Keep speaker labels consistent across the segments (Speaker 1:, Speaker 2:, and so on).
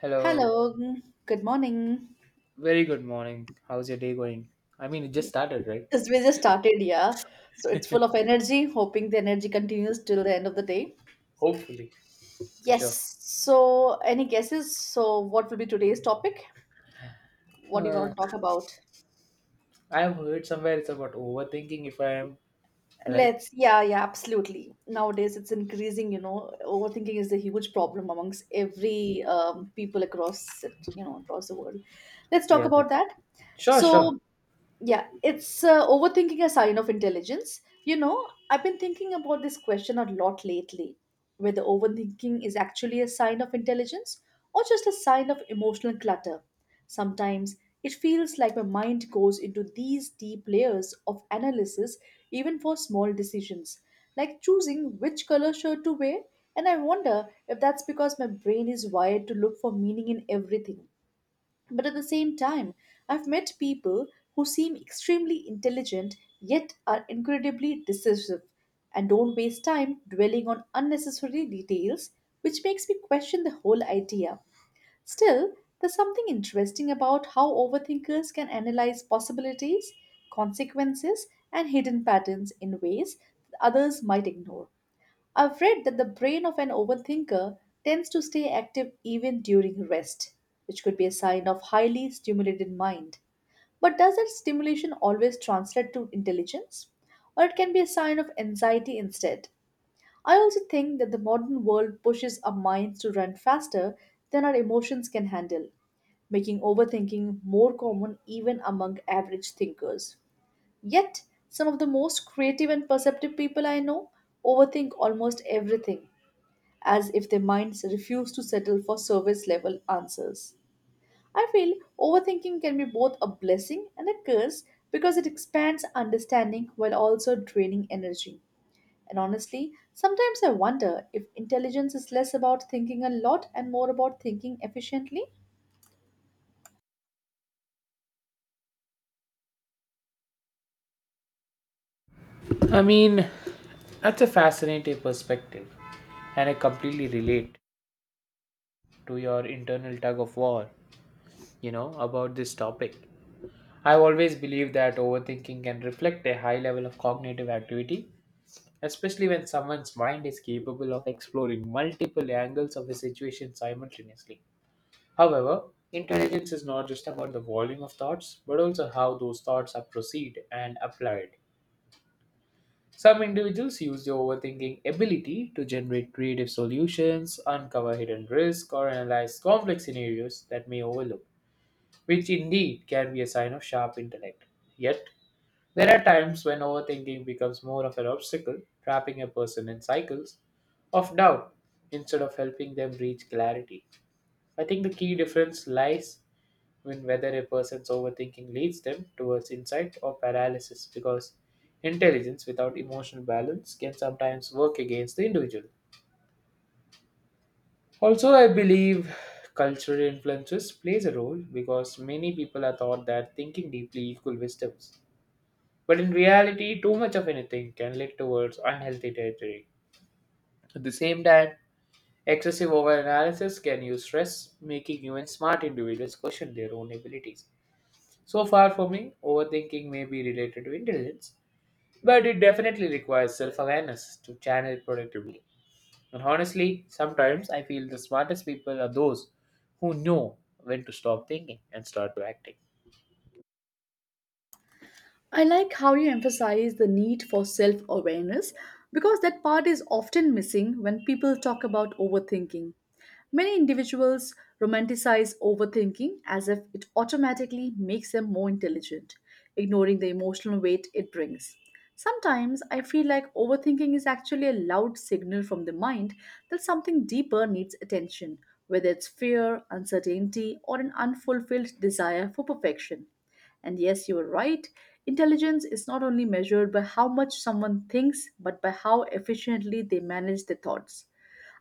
Speaker 1: Hello.
Speaker 2: Hello, good morning.
Speaker 1: Very good morning. How's your day going? I mean, it just started, right?
Speaker 2: As we just started, yeah. So it's full of energy, hoping the energy continues till the end of the day.
Speaker 1: Hopefully, for sure.
Speaker 2: Yes. So, any guesses? So, what will be today's topic? What do you want
Speaker 1: Uh,
Speaker 2: to talk about?
Speaker 1: I have heard somewhere it's about overthinking, if I am right.
Speaker 2: Yeah, yeah, absolutely. Nowadays, it's increasing, overthinking is a huge problem amongst every people across it, across the world. Let's talk
Speaker 1: Yeah.
Speaker 2: about that.
Speaker 1: Sure,
Speaker 2: So,
Speaker 1: sure.
Speaker 2: Yeah, it's overthinking a sign of intelligence. You know, I've been thinking about this question a lot lately whether overthinking is actually a sign of intelligence or just a sign of emotional clutter. Sometimes it feels like my mind goes into these deep layers of analysis even for small decisions, like choosing which color shirt to wear, and I wonder if that's because my brain is wired to look for meaning in everything but at the same time, I've met people who seem extremely intelligent yet are incredibly decisive and don't waste time dwelling on unnecessary details, which makes me question the whole idea. Still, there's something interesting about how overthinkers can analyze possibilities, consequences, and hidden patterns in ways that others might ignore. I've read that the brain of an overthinker tends to stay active even during rest, which could be a sign of highly stimulated mind. But does that stimulation always translate to intelligence? Or it can be a sign of anxiety instead? I also think that the modern world pushes our minds to run faster than our emotions can handle, making overthinking more common even among average thinkers. Yet, some of the most creative and perceptive people I know overthink almost everything as if their minds refuse to settle for surface level answers. I feel overthinking can be both a blessing and a curse because it expands understanding while also draining energy. And honestly, sometimes I wonder if intelligence is less about thinking a lot and more about thinking efficiently.
Speaker 1: I mean, that's a fascinating perspective, and I completely relate to your internal tug of war, you know, about this topic. I've always believed that overthinking can reflect a high level of cognitive activity especially when someone's mind is capable of exploring multiple angles of a situation simultaneously. However, intelligence is not just about the volume of thoughts, but also how those thoughts are perceived and applied. Some individuals use their overthinking ability to generate creative solutions, uncover hidden risks, or analyze complex scenarios that may overlook, which indeed can be a sign of sharp intellect. Yet, there are times when overthinking becomes more of an obstacle, trapping a person in cycles of doubt instead of helping them reach clarity. I think the key difference lies in whether a person's overthinking leads them towards insight or paralysis because intelligence without emotional balance can sometimes work against the individual. Also, I believe cultural influences plays a role because many people are taught that thinking deeply equal wisdoms. But in reality, too much of anything can lead towards unhealthy territory. At the same time, excessive overanalysis can use stress, making even smart individuals question their own abilities. So far for me, overthinking may be related to intelligence, but it definitely requires self awareness to channel it productively. And honestly, sometimes I feel the smartest people are those who know when to stop thinking and start to acting.
Speaker 2: I like how you emphasize the need for self awareness because that part is often missing when people talk about overthinking. Many individuals romanticize overthinking as if it automatically makes them more intelligent, ignoring the emotional weight it brings. Sometimes I feel like overthinking is actually a loud signal from the mind that something deeper needs attention, whether it's fear, uncertainty, or an unfulfilled desire for perfection. And yes, you were right. Intelligence is not only measured by how much someone thinks, but by how efficiently they manage their thoughts.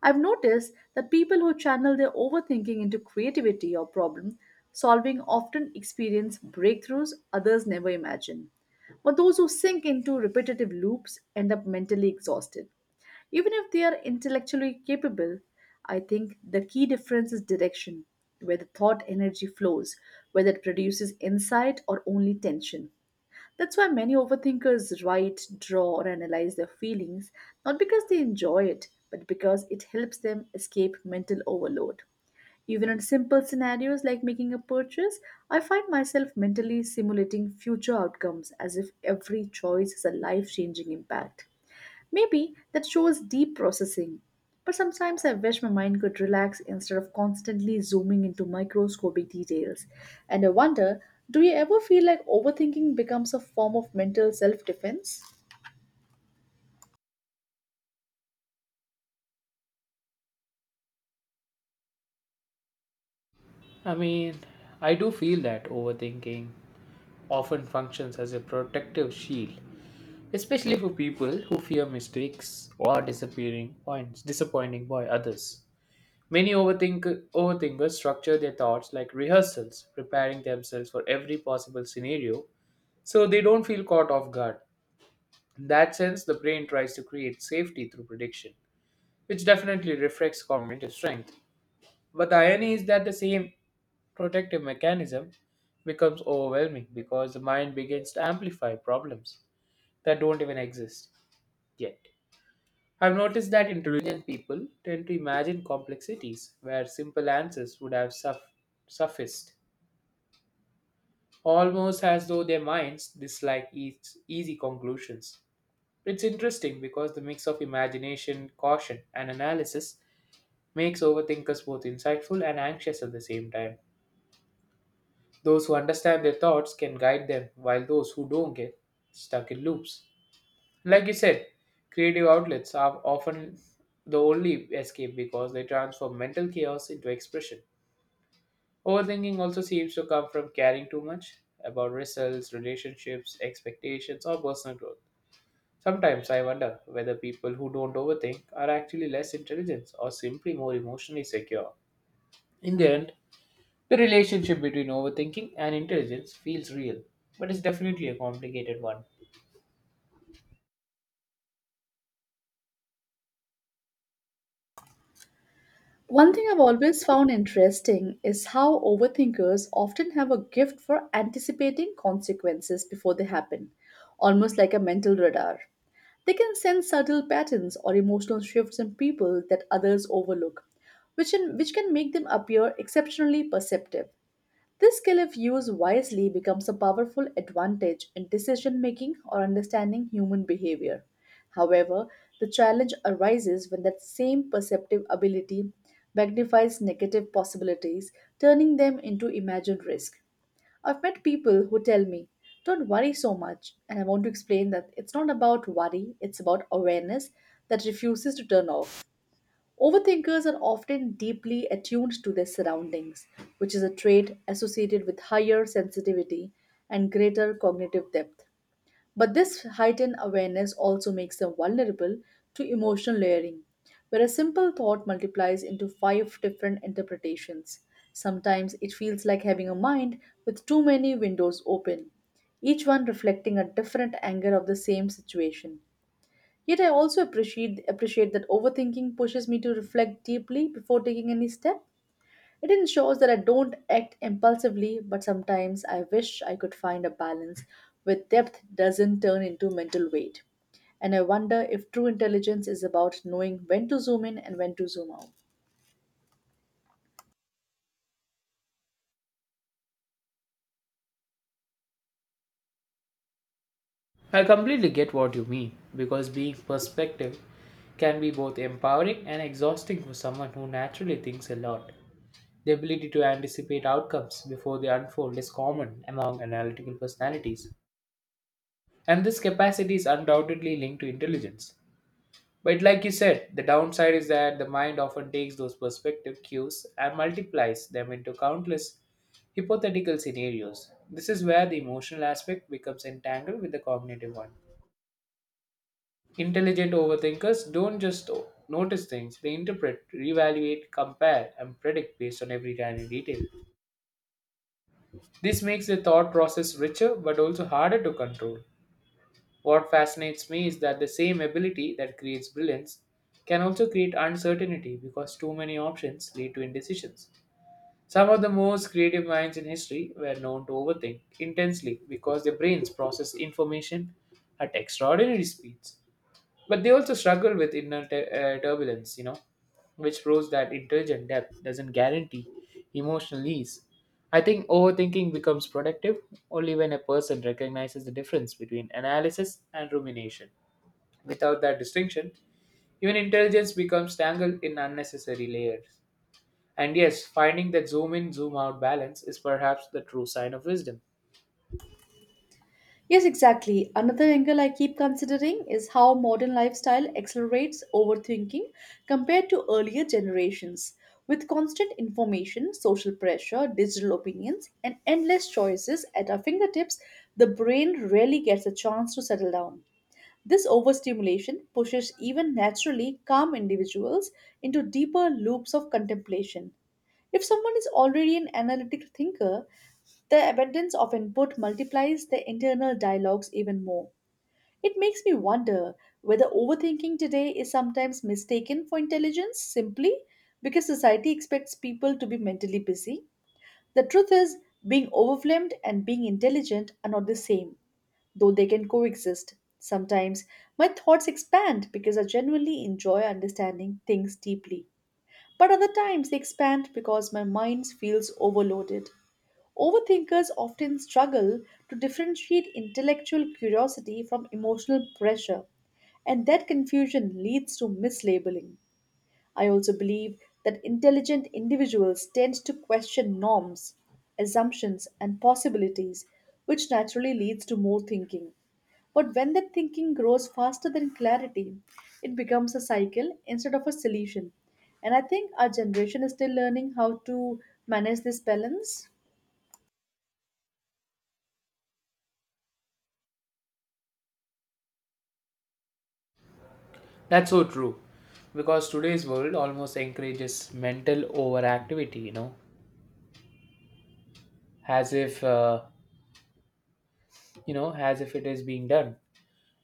Speaker 2: I've noticed that people who channel their overthinking into creativity or problem solving often experience breakthroughs others never imagine. But those who sink into repetitive loops end up mentally exhausted. Even if they are intellectually capable, I think the key difference is direction, where the thought energy flows, whether it produces insight or only tension. That's why many overthinkers write, draw, or analyze their feelings, not because they enjoy it, but because it helps them escape mental overload. Even in simple scenarios like making a purchase, I find myself mentally simulating future outcomes as if every choice has a life changing impact. Maybe that shows deep processing. But sometimes I wish my mind could relax instead of constantly zooming into microscopic details. And I wonder, do you ever feel like overthinking becomes a form of mental self defense?
Speaker 1: I mean, I do feel that overthinking often functions as a protective shield, especially for people who fear mistakes or disappearing points, disappointing by others. Many overthink, overthinkers structure their thoughts like rehearsals, preparing themselves for every possible scenario so they don't feel caught off guard. In that sense, the brain tries to create safety through prediction, which definitely reflects cognitive strength. But the irony is that the same protective mechanism becomes overwhelming because the mind begins to amplify problems that don't even exist yet. I've noticed that intelligent people tend to imagine complexities where simple answers would have sufficed, almost as though their minds dislike easy conclusions. It's interesting because the mix of imagination, caution, and analysis makes overthinkers both insightful and anxious at the same time. Those who understand their thoughts can guide them, while those who don't get stuck in loops. Like you said, creative outlets are often the only escape because they transform mental chaos into expression. Overthinking also seems to come from caring too much about results, relationships, expectations, or personal growth. Sometimes I wonder whether people who don't overthink are actually less intelligent or simply more emotionally secure. In the end, the relationship between overthinking and intelligence feels real, but it's definitely a complicated one.
Speaker 2: One thing I've always found interesting is how overthinkers often have a gift for anticipating consequences before they happen, almost like a mental radar. They can sense subtle patterns or emotional shifts in people that others overlook, which can make them appear exceptionally perceptive. This skill, if used wisely, becomes a powerful advantage in decision making or understanding human behavior. However, the challenge arises when that same perceptive ability magnifies negative possibilities, turning them into imagined risk. I've met people who tell me, don't worry so much, and I want to explain that it's not about worry, it's about awareness that refuses to turn off. Overthinkers are often deeply attuned to their surroundings, which is a trait associated with higher sensitivity and greater cognitive depth. But this heightened awareness also makes them vulnerable to emotional layering, where a simple thought multiplies into five different interpretations. Sometimes it feels like having a mind with too many windows open, each one reflecting a different angle of the same situation. Yet I also appreciate that overthinking pushes me to reflect deeply before taking any step. It ensures that I don't act impulsively, but sometimes I wish I could find a balance where depth doesn't turn into mental weight. And I wonder if true intelligence is about knowing when to zoom in and when to zoom out.
Speaker 1: I completely get what you mean because being perspective can be both empowering and exhausting for someone who naturally thinks a lot. The ability to anticipate outcomes before they unfold is common among analytical personalities, and this capacity is undoubtedly linked to intelligence. But, like you said, the downside is that the mind often takes those perspective cues and multiplies them into countless hypothetical scenarios. This is where the emotional aspect becomes entangled with the cognitive one. Intelligent overthinkers don't just notice things, they interpret, reevaluate, compare, and predict based on every tiny detail. This makes the thought process richer but also harder to control. What fascinates me is that the same ability that creates brilliance can also create uncertainty because too many options lead to indecisions. Some of the most creative minds in history were known to overthink intensely because their brains process information at extraordinary speeds. But they also struggle with inner turbulence, you know, which proves that intelligent depth doesn't guarantee emotional ease. I think overthinking becomes productive only when a person recognizes the difference between analysis and rumination. Without that distinction, even intelligence becomes tangled in unnecessary layers. And yes, finding that zoom in, zoom out balance is perhaps the true sign of wisdom.
Speaker 2: Yes, exactly. Another angle I keep considering is how modern lifestyle accelerates overthinking compared to earlier generations. With constant information, social pressure, digital opinions, and endless choices at our fingertips, the brain rarely gets a chance to settle down. This overstimulation pushes even naturally calm individuals into deeper loops of contemplation. If someone is already an analytic thinker, the abundance of input multiplies the internal dialogues even more. It makes me wonder whether overthinking today is sometimes mistaken for intelligence simply because society expects people to be mentally busy. The truth is, being overwhelmed and being intelligent are not the same, though they can coexist. Sometimes my thoughts expand because I genuinely enjoy understanding things deeply, but other times they expand because my mind feels overloaded. Overthinkers often struggle to differentiate intellectual curiosity from emotional pressure, and that confusion leads to mislabeling. I also believe that intelligent individuals tend to question norms, assumptions, and possibilities, which naturally leads to more thinking. But when that thinking grows faster than clarity, it becomes a cycle instead of a solution. And I think our generation is still learning how to manage this balance.
Speaker 1: That's so true. Because today's world almost encourages mental overactivity, you know, as if you know as if it is being done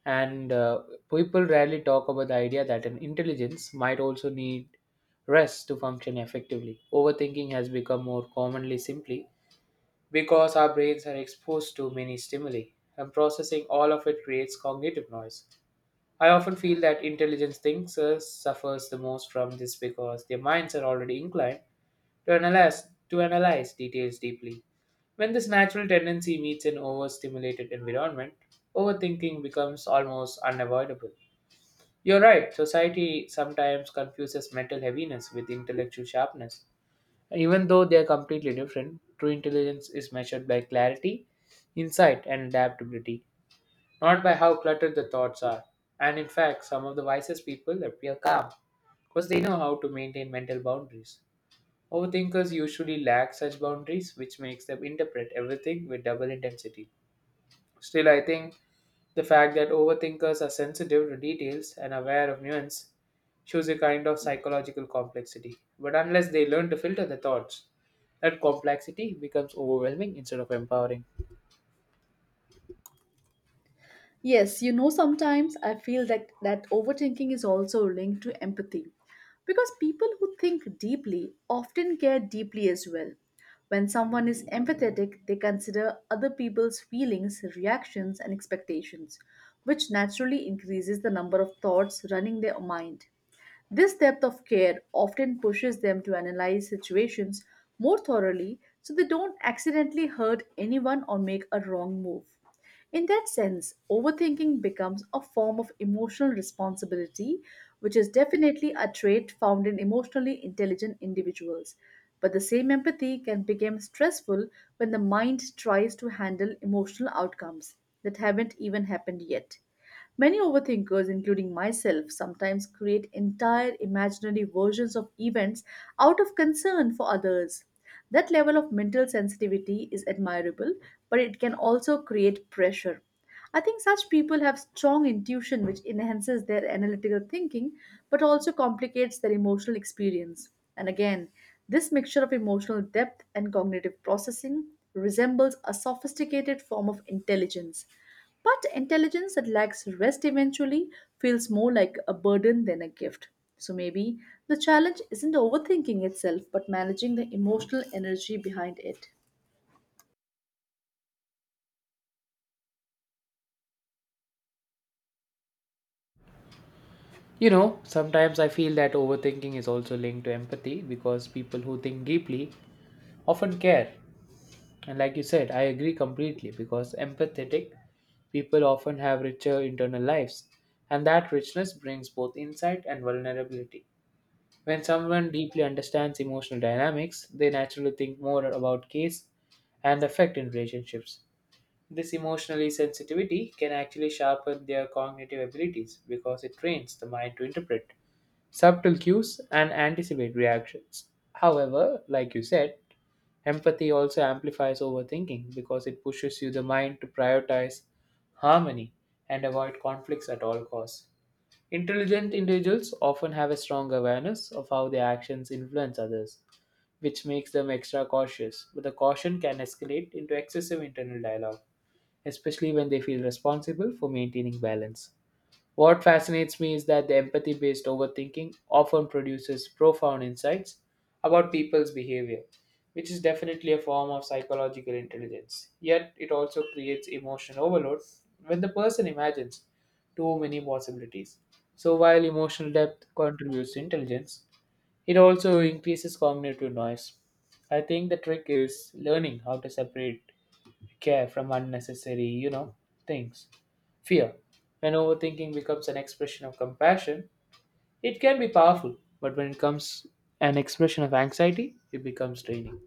Speaker 1: and people rarely talk about the idea that an intelligence might also need rest to function effectively. Overthinking has become more commonly simply because our brains are exposed to many stimuli and processing all of it creates cognitive noise. I often feel that intelligence thinkers suffers the most from this because their minds are already inclined to analyze details deeply. When this natural tendency meets an overstimulated environment, overthinking becomes almost unavoidable. You're right, society sometimes confuses mental heaviness with intellectual sharpness. Even though they are completely different, true intelligence is measured by clarity, insight, and adaptability, not by how cluttered the thoughts are. And in fact, some of the wisest people appear calm because they know how to maintain mental boundaries. Overthinkers usually lack such boundaries, which makes them interpret everything with double intensity. Still, I think the fact that overthinkers are sensitive to details and aware of nuance shows a kind of psychological complexity. But unless they learn to filter the thoughts, that complexity becomes overwhelming instead of empowering.
Speaker 2: Yes, you know, sometimes I feel that overthinking is also linked to empathy because people who think deeply often care deeply as well. When someone is empathetic, they consider other people's feelings, reactions, and expectations, which naturally increases the number of thoughts running their mind. This depth of care often pushes them to analyze situations more thoroughly so they don't accidentally hurt anyone or make a wrong move. In that sense, overthinking becomes a form of emotional responsibility, which is definitely a trait found in emotionally intelligent individuals. But the same empathy can become stressful when the mind tries to handle emotional outcomes that haven't even happened yet. Many overthinkers, including myself, sometimes create entire imaginary versions of events out of concern for others. That level of mental sensitivity is admirable, but it can also create pressure. I think such people have strong intuition, which enhances their analytical thinking but also complicates their emotional experience. And again, this mixture of emotional depth and cognitive processing resembles a sophisticated form of intelligence. But intelligence that lacks rest eventually feels more like a burden than a gift. So maybe the challenge isn't overthinking itself, but managing the emotional energy behind it.
Speaker 1: You know, sometimes I feel that overthinking is also linked to empathy because people who think deeply often care. And like you said, I agree completely because empathetic people often have richer internal lives, and that richness brings both insight and vulnerability. When someone deeply understands emotional dynamics, they naturally think more about case and effect in relationships. This emotionally sensitivity can actually sharpen their cognitive abilities because it trains the mind to interpret subtle cues, and anticipate reactions. However, like you said, empathy also amplifies overthinking because it pushes you the mind to prioritize harmony and avoid conflicts at all costs. Intelligent individuals often have a strong awareness of how their actions influence others, which makes them extra cautious, but the caution can escalate into excessive internal dialogue, especially when they feel responsible for maintaining balance. What fascinates me is that the empathy based overthinking often produces profound insights about people's behavior, which is definitely a form of psychological intelligence. Yet, it also creates emotional overload when the person imagines too many possibilities. So, while emotional depth contributes to intelligence, it also increases cognitive noise. I think the trick is learning how to separate care from unnecessary, you know, things. Fear. When overthinking becomes an expression of compassion, it can be powerful, but when it comes an expression of anxiety, it becomes draining.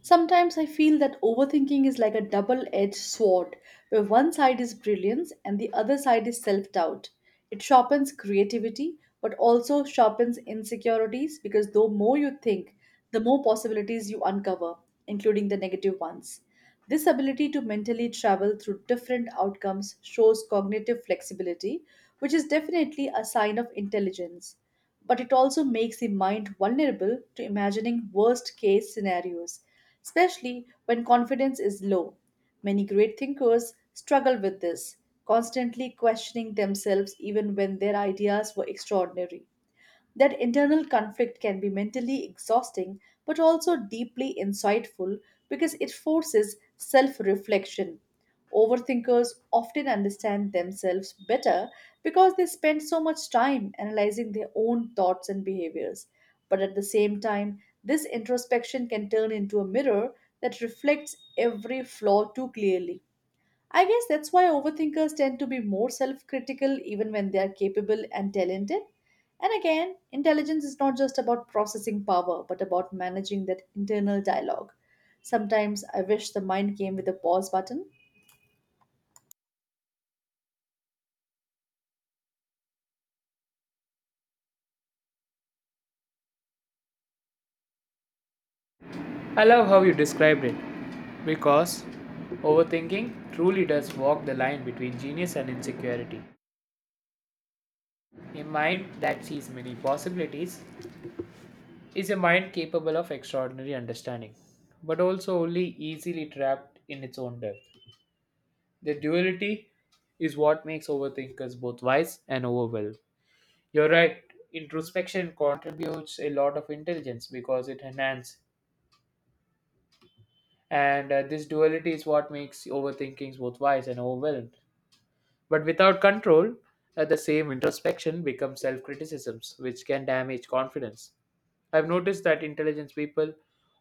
Speaker 2: Sometimes I feel that overthinking is like a double edged sword, where one side is brilliance and the other side is self doubt. It sharpens creativity, but also sharpens insecurities because the more you think, the more possibilities you uncover, including the negative ones. This ability to mentally travel through different outcomes shows cognitive flexibility, which is definitely a sign of intelligence but it also makes the mind vulnerable to imagining worst case scenarios, especially when confidence is low. Many great thinkers struggle with this, constantly questioning themselves even when their ideas were extraordinary. That internal conflict can be mentally exhausting but also deeply insightful because it forces self reflection. Overthinkers often understand themselves better because they spend so much time analyzing their own thoughts and behaviors. But at the same time, this introspection can turn into a mirror that reflects every flaw too clearly. I guess that's why overthinkers tend to be more self critical even when they are capable and talented. And again, intelligence is not just about processing power, but about managing that internal dialogue. Sometimes I wish the mind came with a pause button.
Speaker 1: I love how you described it because overthinking truly does walk the line between genius and insecurity. A mind that sees many possibilities is a mind capable of extraordinary understanding, but also only easily trapped in its own depth. The duality is what makes overthinkers both wise and overwhelmed. You're right. Introspection contributes a lot of intelligence because it enhances. And this duality is what makes overthinkings both wise and overwhelmed. But without control, the same introspection becomes self criticisms, which can damage confidence. I've noticed that intelligence people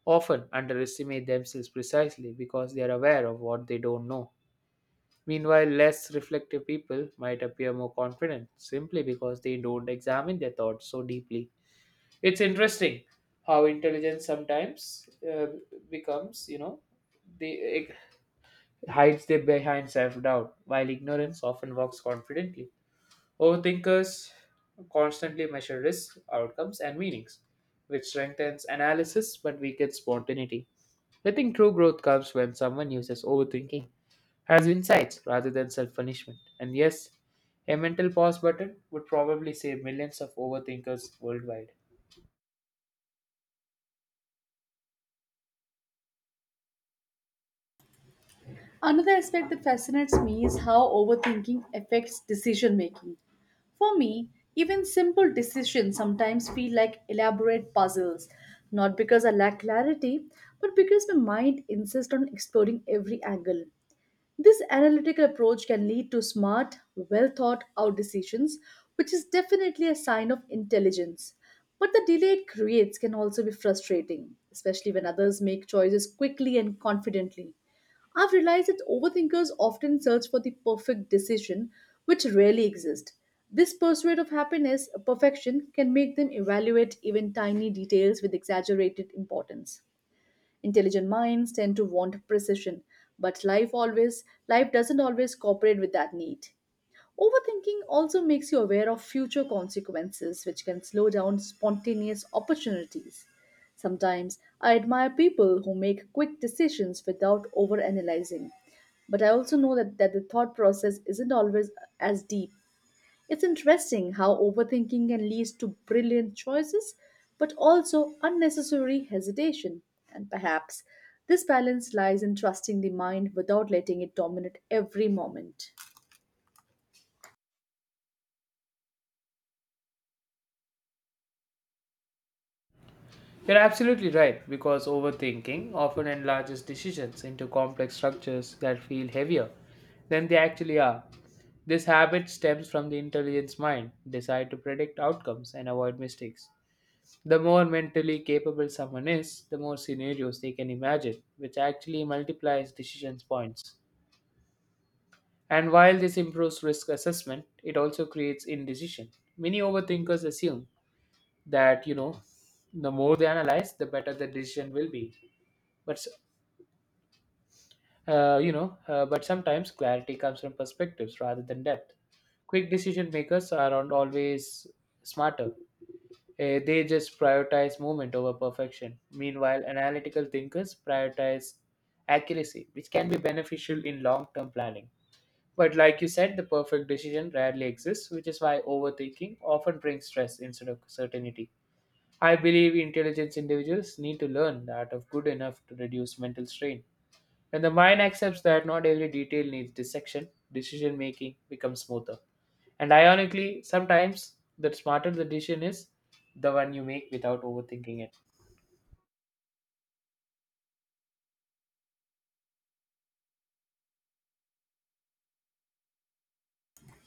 Speaker 1: often underestimate themselves precisely because they are aware of what they don't know. Meanwhile, less reflective people might appear more confident simply because they don't examine their thoughts so deeply. It's interesting how intelligence sometimes becomes, you know, they it hides their behind self-doubt, while ignorance often walks confidently. Overthinkers constantly measure risks, outcomes, and meanings, which strengthens analysis but weakens spontaneity. I think true growth comes when someone uses overthinking as insights rather than self punishment. And yes, a mental pause button would probably save millions of overthinkers worldwide.
Speaker 2: Another aspect that fascinates me is how overthinking affects decision making. For me, even simple decisions sometimes feel like elaborate puzzles, not because I lack clarity, but because my mind insists on exploring every angle. This analytical approach can lead to smart, well thought out decisions, which is definitely a sign of intelligence. But the delay it creates can also be frustrating, especially when others make choices quickly and confidently. I've realized that overthinkers often search for the perfect decision, which rarely exists. This pursuit of happiness, perfection, can make them evaluate even tiny details with exaggerated importance. Intelligent minds tend to want precision, but life doesn't always cooperate with that need. Overthinking also makes you aware of future consequences, which can slow down spontaneous opportunities. Sometimes I admire people who make quick decisions without overanalyzing, but I also know that, the thought process isn't always as deep. It's interesting how overthinking can lead to brilliant choices, but also unnecessary hesitation. And perhaps this balance lies in trusting the mind without letting it dominate every moment.
Speaker 1: You're absolutely right, because overthinking often enlarges decisions into complex structures that feel heavier than they actually are. This habit stems from the intelligence mind, desire to predict outcomes and avoid mistakes. The more mentally capable someone is, the more scenarios they can imagine, which actually multiplies decisions points. And while this improves risk assessment, it also creates indecision. Many overthinkers assume that, you know, the more they analyze, the better the decision will be. But, but sometimes clarity comes from perspectives rather than depth. Quick decision makers are not always smarter. They just prioritize movement over perfection. Meanwhile, analytical thinkers prioritize accuracy, which can be beneficial in long term planning. But like you said, the perfect decision rarely exists, which is why overthinking often brings stress instead of certainty. I believe intelligent individuals need to learn the art of good enough to reduce mental strain. When the mind accepts that not every detail needs dissection, decision making becomes smoother. And ironically, sometimes the smarter the decision is, the one you make without overthinking it.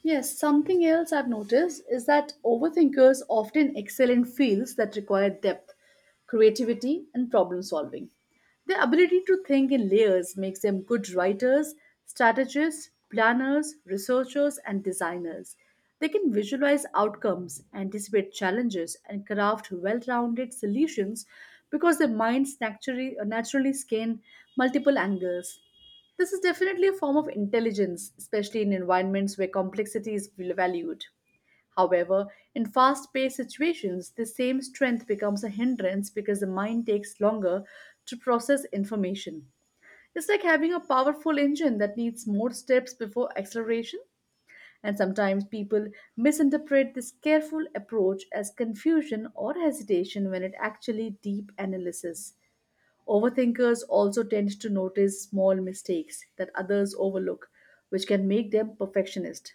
Speaker 2: Yes, something else I've noticed is that overthinkers often excel in fields that require depth, creativity, and problem solving. Their ability to think in layers makes them good writers, strategists, planners, researchers, and designers. They can visualize outcomes, anticipate challenges, and craft well rounded solutions because their minds naturally scan multiple angles. This is definitely a form of intelligence, especially in environments where complexity is valued. However, in fast paced situations, the same strength becomes a hindrance because the mind takes longer to process information. It's like having a powerful engine that needs more steps before acceleration, and sometimes people misinterpret this careful approach as confusion or hesitation when it actually deep analysis. Overthinkers also tend to notice small mistakes that others overlook, which can make them perfectionist.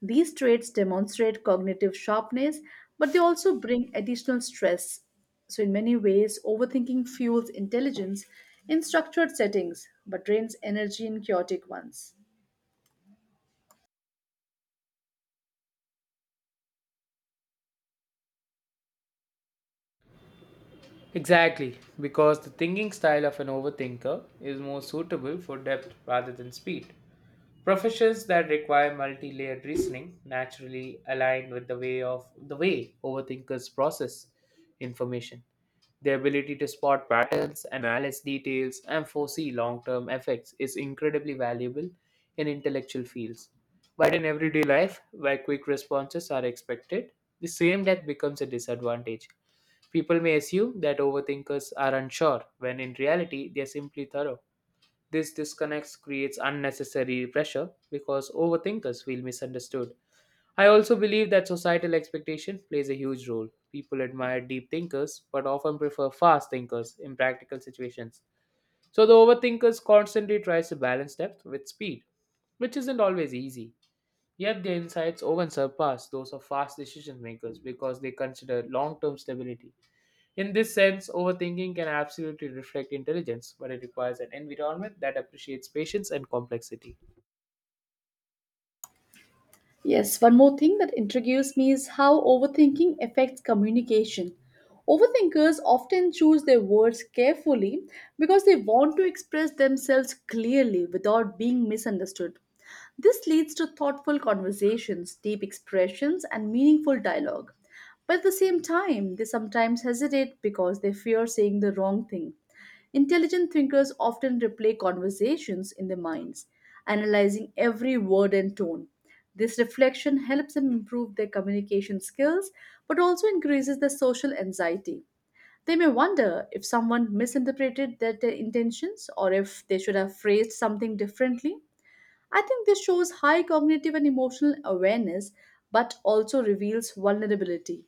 Speaker 2: These traits demonstrate cognitive sharpness, but they also bring additional stress. So, in many ways, overthinking fuels intelligence in structured settings but drains energy in chaotic ones.
Speaker 1: Exactly, because the thinking style of an overthinker is more suitable for depth rather than speed. Professions that require multi-layered reasoning naturally align with the way overthinkers process information. Their ability to spot patterns, analyze details, and foresee long-term effects is incredibly valuable in intellectual fields. But in everyday life, where quick responses are expected, the same depth becomes a disadvantage. People may assume that overthinkers are unsure, when in reality they are simply thorough. This disconnect creates unnecessary pressure because overthinkers feel misunderstood. I also believe that societal expectation plays a huge role. People admire deep thinkers but often prefer fast thinkers in practical situations. So the overthinkers constantly tries to balance depth with speed, which isn't always easy. Yet their insights often surpass those of fast decision makers because they consider long-term stability. In this sense, overthinking can absolutely reflect intelligence, but it requires an environment that appreciates patience and complexity.
Speaker 2: Yes, one more thing that intrigues me is how overthinking affects communication. Overthinkers often choose their words carefully because they want to express themselves clearly without being misunderstood. This leads to thoughtful conversations, deep expressions, and meaningful dialogue. But at the same time, they sometimes hesitate because they fear saying the wrong thing. Intelligent thinkers often replay conversations in their minds, analyzing every word and tone. This reflection helps them improve their communication skills but also increases their social anxiety. They may wonder if someone misinterpreted their intentions or if they should have phrased something differently. I think this shows high cognitive and emotional awareness, but also reveals vulnerability.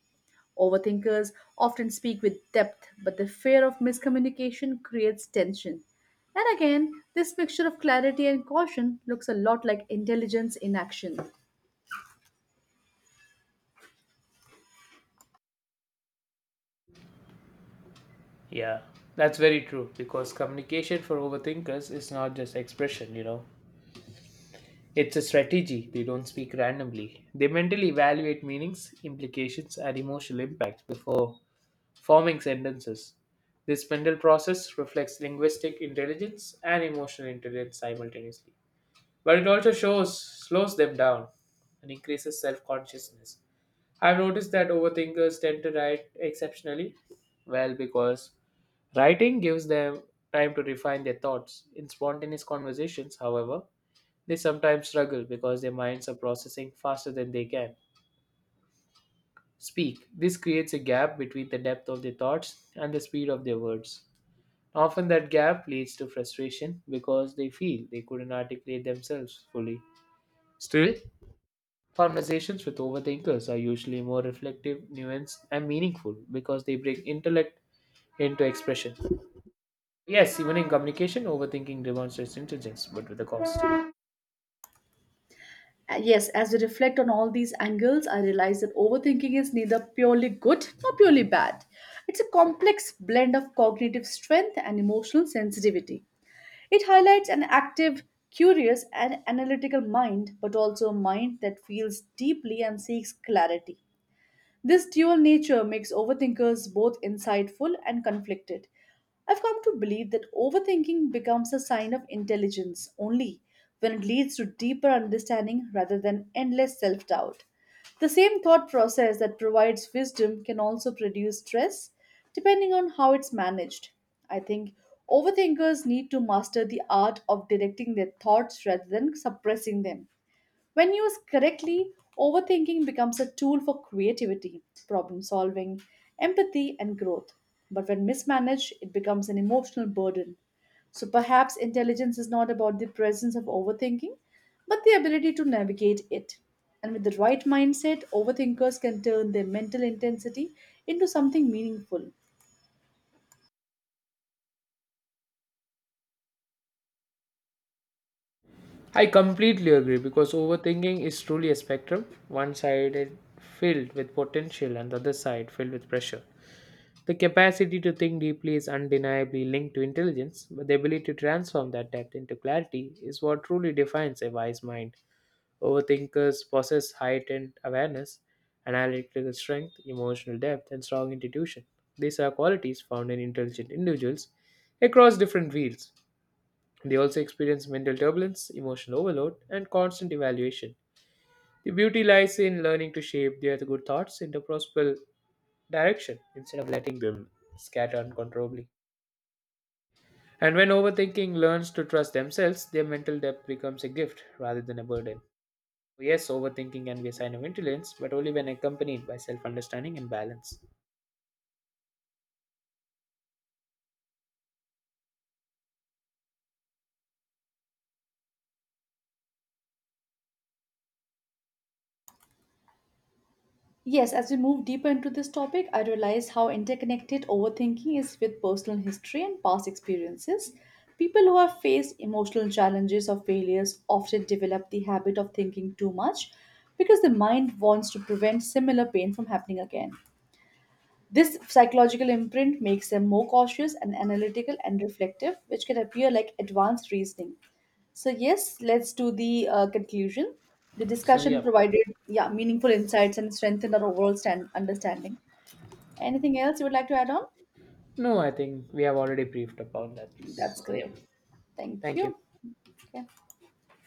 Speaker 2: Overthinkers often speak with depth, but the fear of miscommunication creates tension. And again, this mixture of clarity and caution looks a lot like intelligence in action.
Speaker 1: Yeah, that's very true because communication for overthinkers is not just expression, you know. It's a strategy. They don't speak randomly. They mentally evaluate meanings, implications, and emotional impact before forming sentences. This mental process reflects linguistic intelligence and emotional intelligence simultaneously. But it also shows slows them down and increases self-consciousness. I've noticed that overthinkers tend to write exceptionally well because writing gives them time to refine their thoughts in spontaneous conversations. However, they sometimes struggle because their minds are processing faster than they can speak. This creates a gap between the depth of their thoughts and the speed of their words. Often that gap leads to frustration because they feel they couldn't articulate themselves fully. Still, conversations with overthinkers are usually more reflective, nuanced, and meaningful because they bring intellect into expression. Yes, even in communication, overthinking demonstrates intelligence, but with a cost.
Speaker 2: Yes, as we reflect on all these angles, I realize that overthinking is neither purely good nor purely bad. It's a complex blend of cognitive strength and emotional sensitivity. It highlights an active, curious, and analytical mind, but also a mind that feels deeply and seeks clarity. This dual nature makes overthinkers both insightful and conflicted. I've come to believe that overthinking becomes a sign of intelligence only when it leads to deeper understanding rather than endless self doubt. The same thought process that provides wisdom can also produce stress, depending on how it's managed. I think overthinkers need to master the art of directing their thoughts rather than suppressing them. When used correctly, overthinking becomes a tool for creativity, problem solving, empathy, and growth. But when mismanaged, it becomes an emotional burden. So perhaps intelligence is not about the presence of overthinking, but the ability to navigate it. And with the right mindset, overthinkers can turn their mental intensity into something meaningful.
Speaker 1: I completely agree because overthinking is truly a spectrum, one side is filled with potential and the other side filled with pressure. The capacity to think deeply is undeniably linked to intelligence, but the ability to transform that depth into clarity is what truly defines a wise mind. Overthinkers possess heightened awareness, analytical strength, emotional depth, and strong intuition. These are qualities found in intelligent individuals across different fields. They also experience mental turbulence, emotional overload, and constant evaluation. The beauty lies in learning to shape their good thoughts into possible direction instead of letting them scatter uncontrollably. And when overthinking learns to trust themselves, their mental depth becomes a gift rather than a burden. So, yes, overthinking can be a sign of intelligence, but only when accompanied by self understanding and balance.
Speaker 2: Yes, as we move deeper into this topic, I realize how interconnected overthinking is with personal history and past experiences. People who have faced emotional challenges or failures often develop the habit of thinking too much because the mind wants to prevent similar pain from happening again. This psychological imprint makes them more cautious and analytical and reflective, which can appear like advanced reasoning. So, yes, let's do the conclusion. The
Speaker 1: So,
Speaker 2: discussion
Speaker 1: yeah.
Speaker 2: provided, yeah, meaningful insights and strengthened our overall understanding. Anything else you would like to add on?
Speaker 1: No, I think we have already briefed about that.
Speaker 2: That's
Speaker 1: So, yeah.
Speaker 2: great. Thank
Speaker 1: Thank you.
Speaker 2: you. Okay.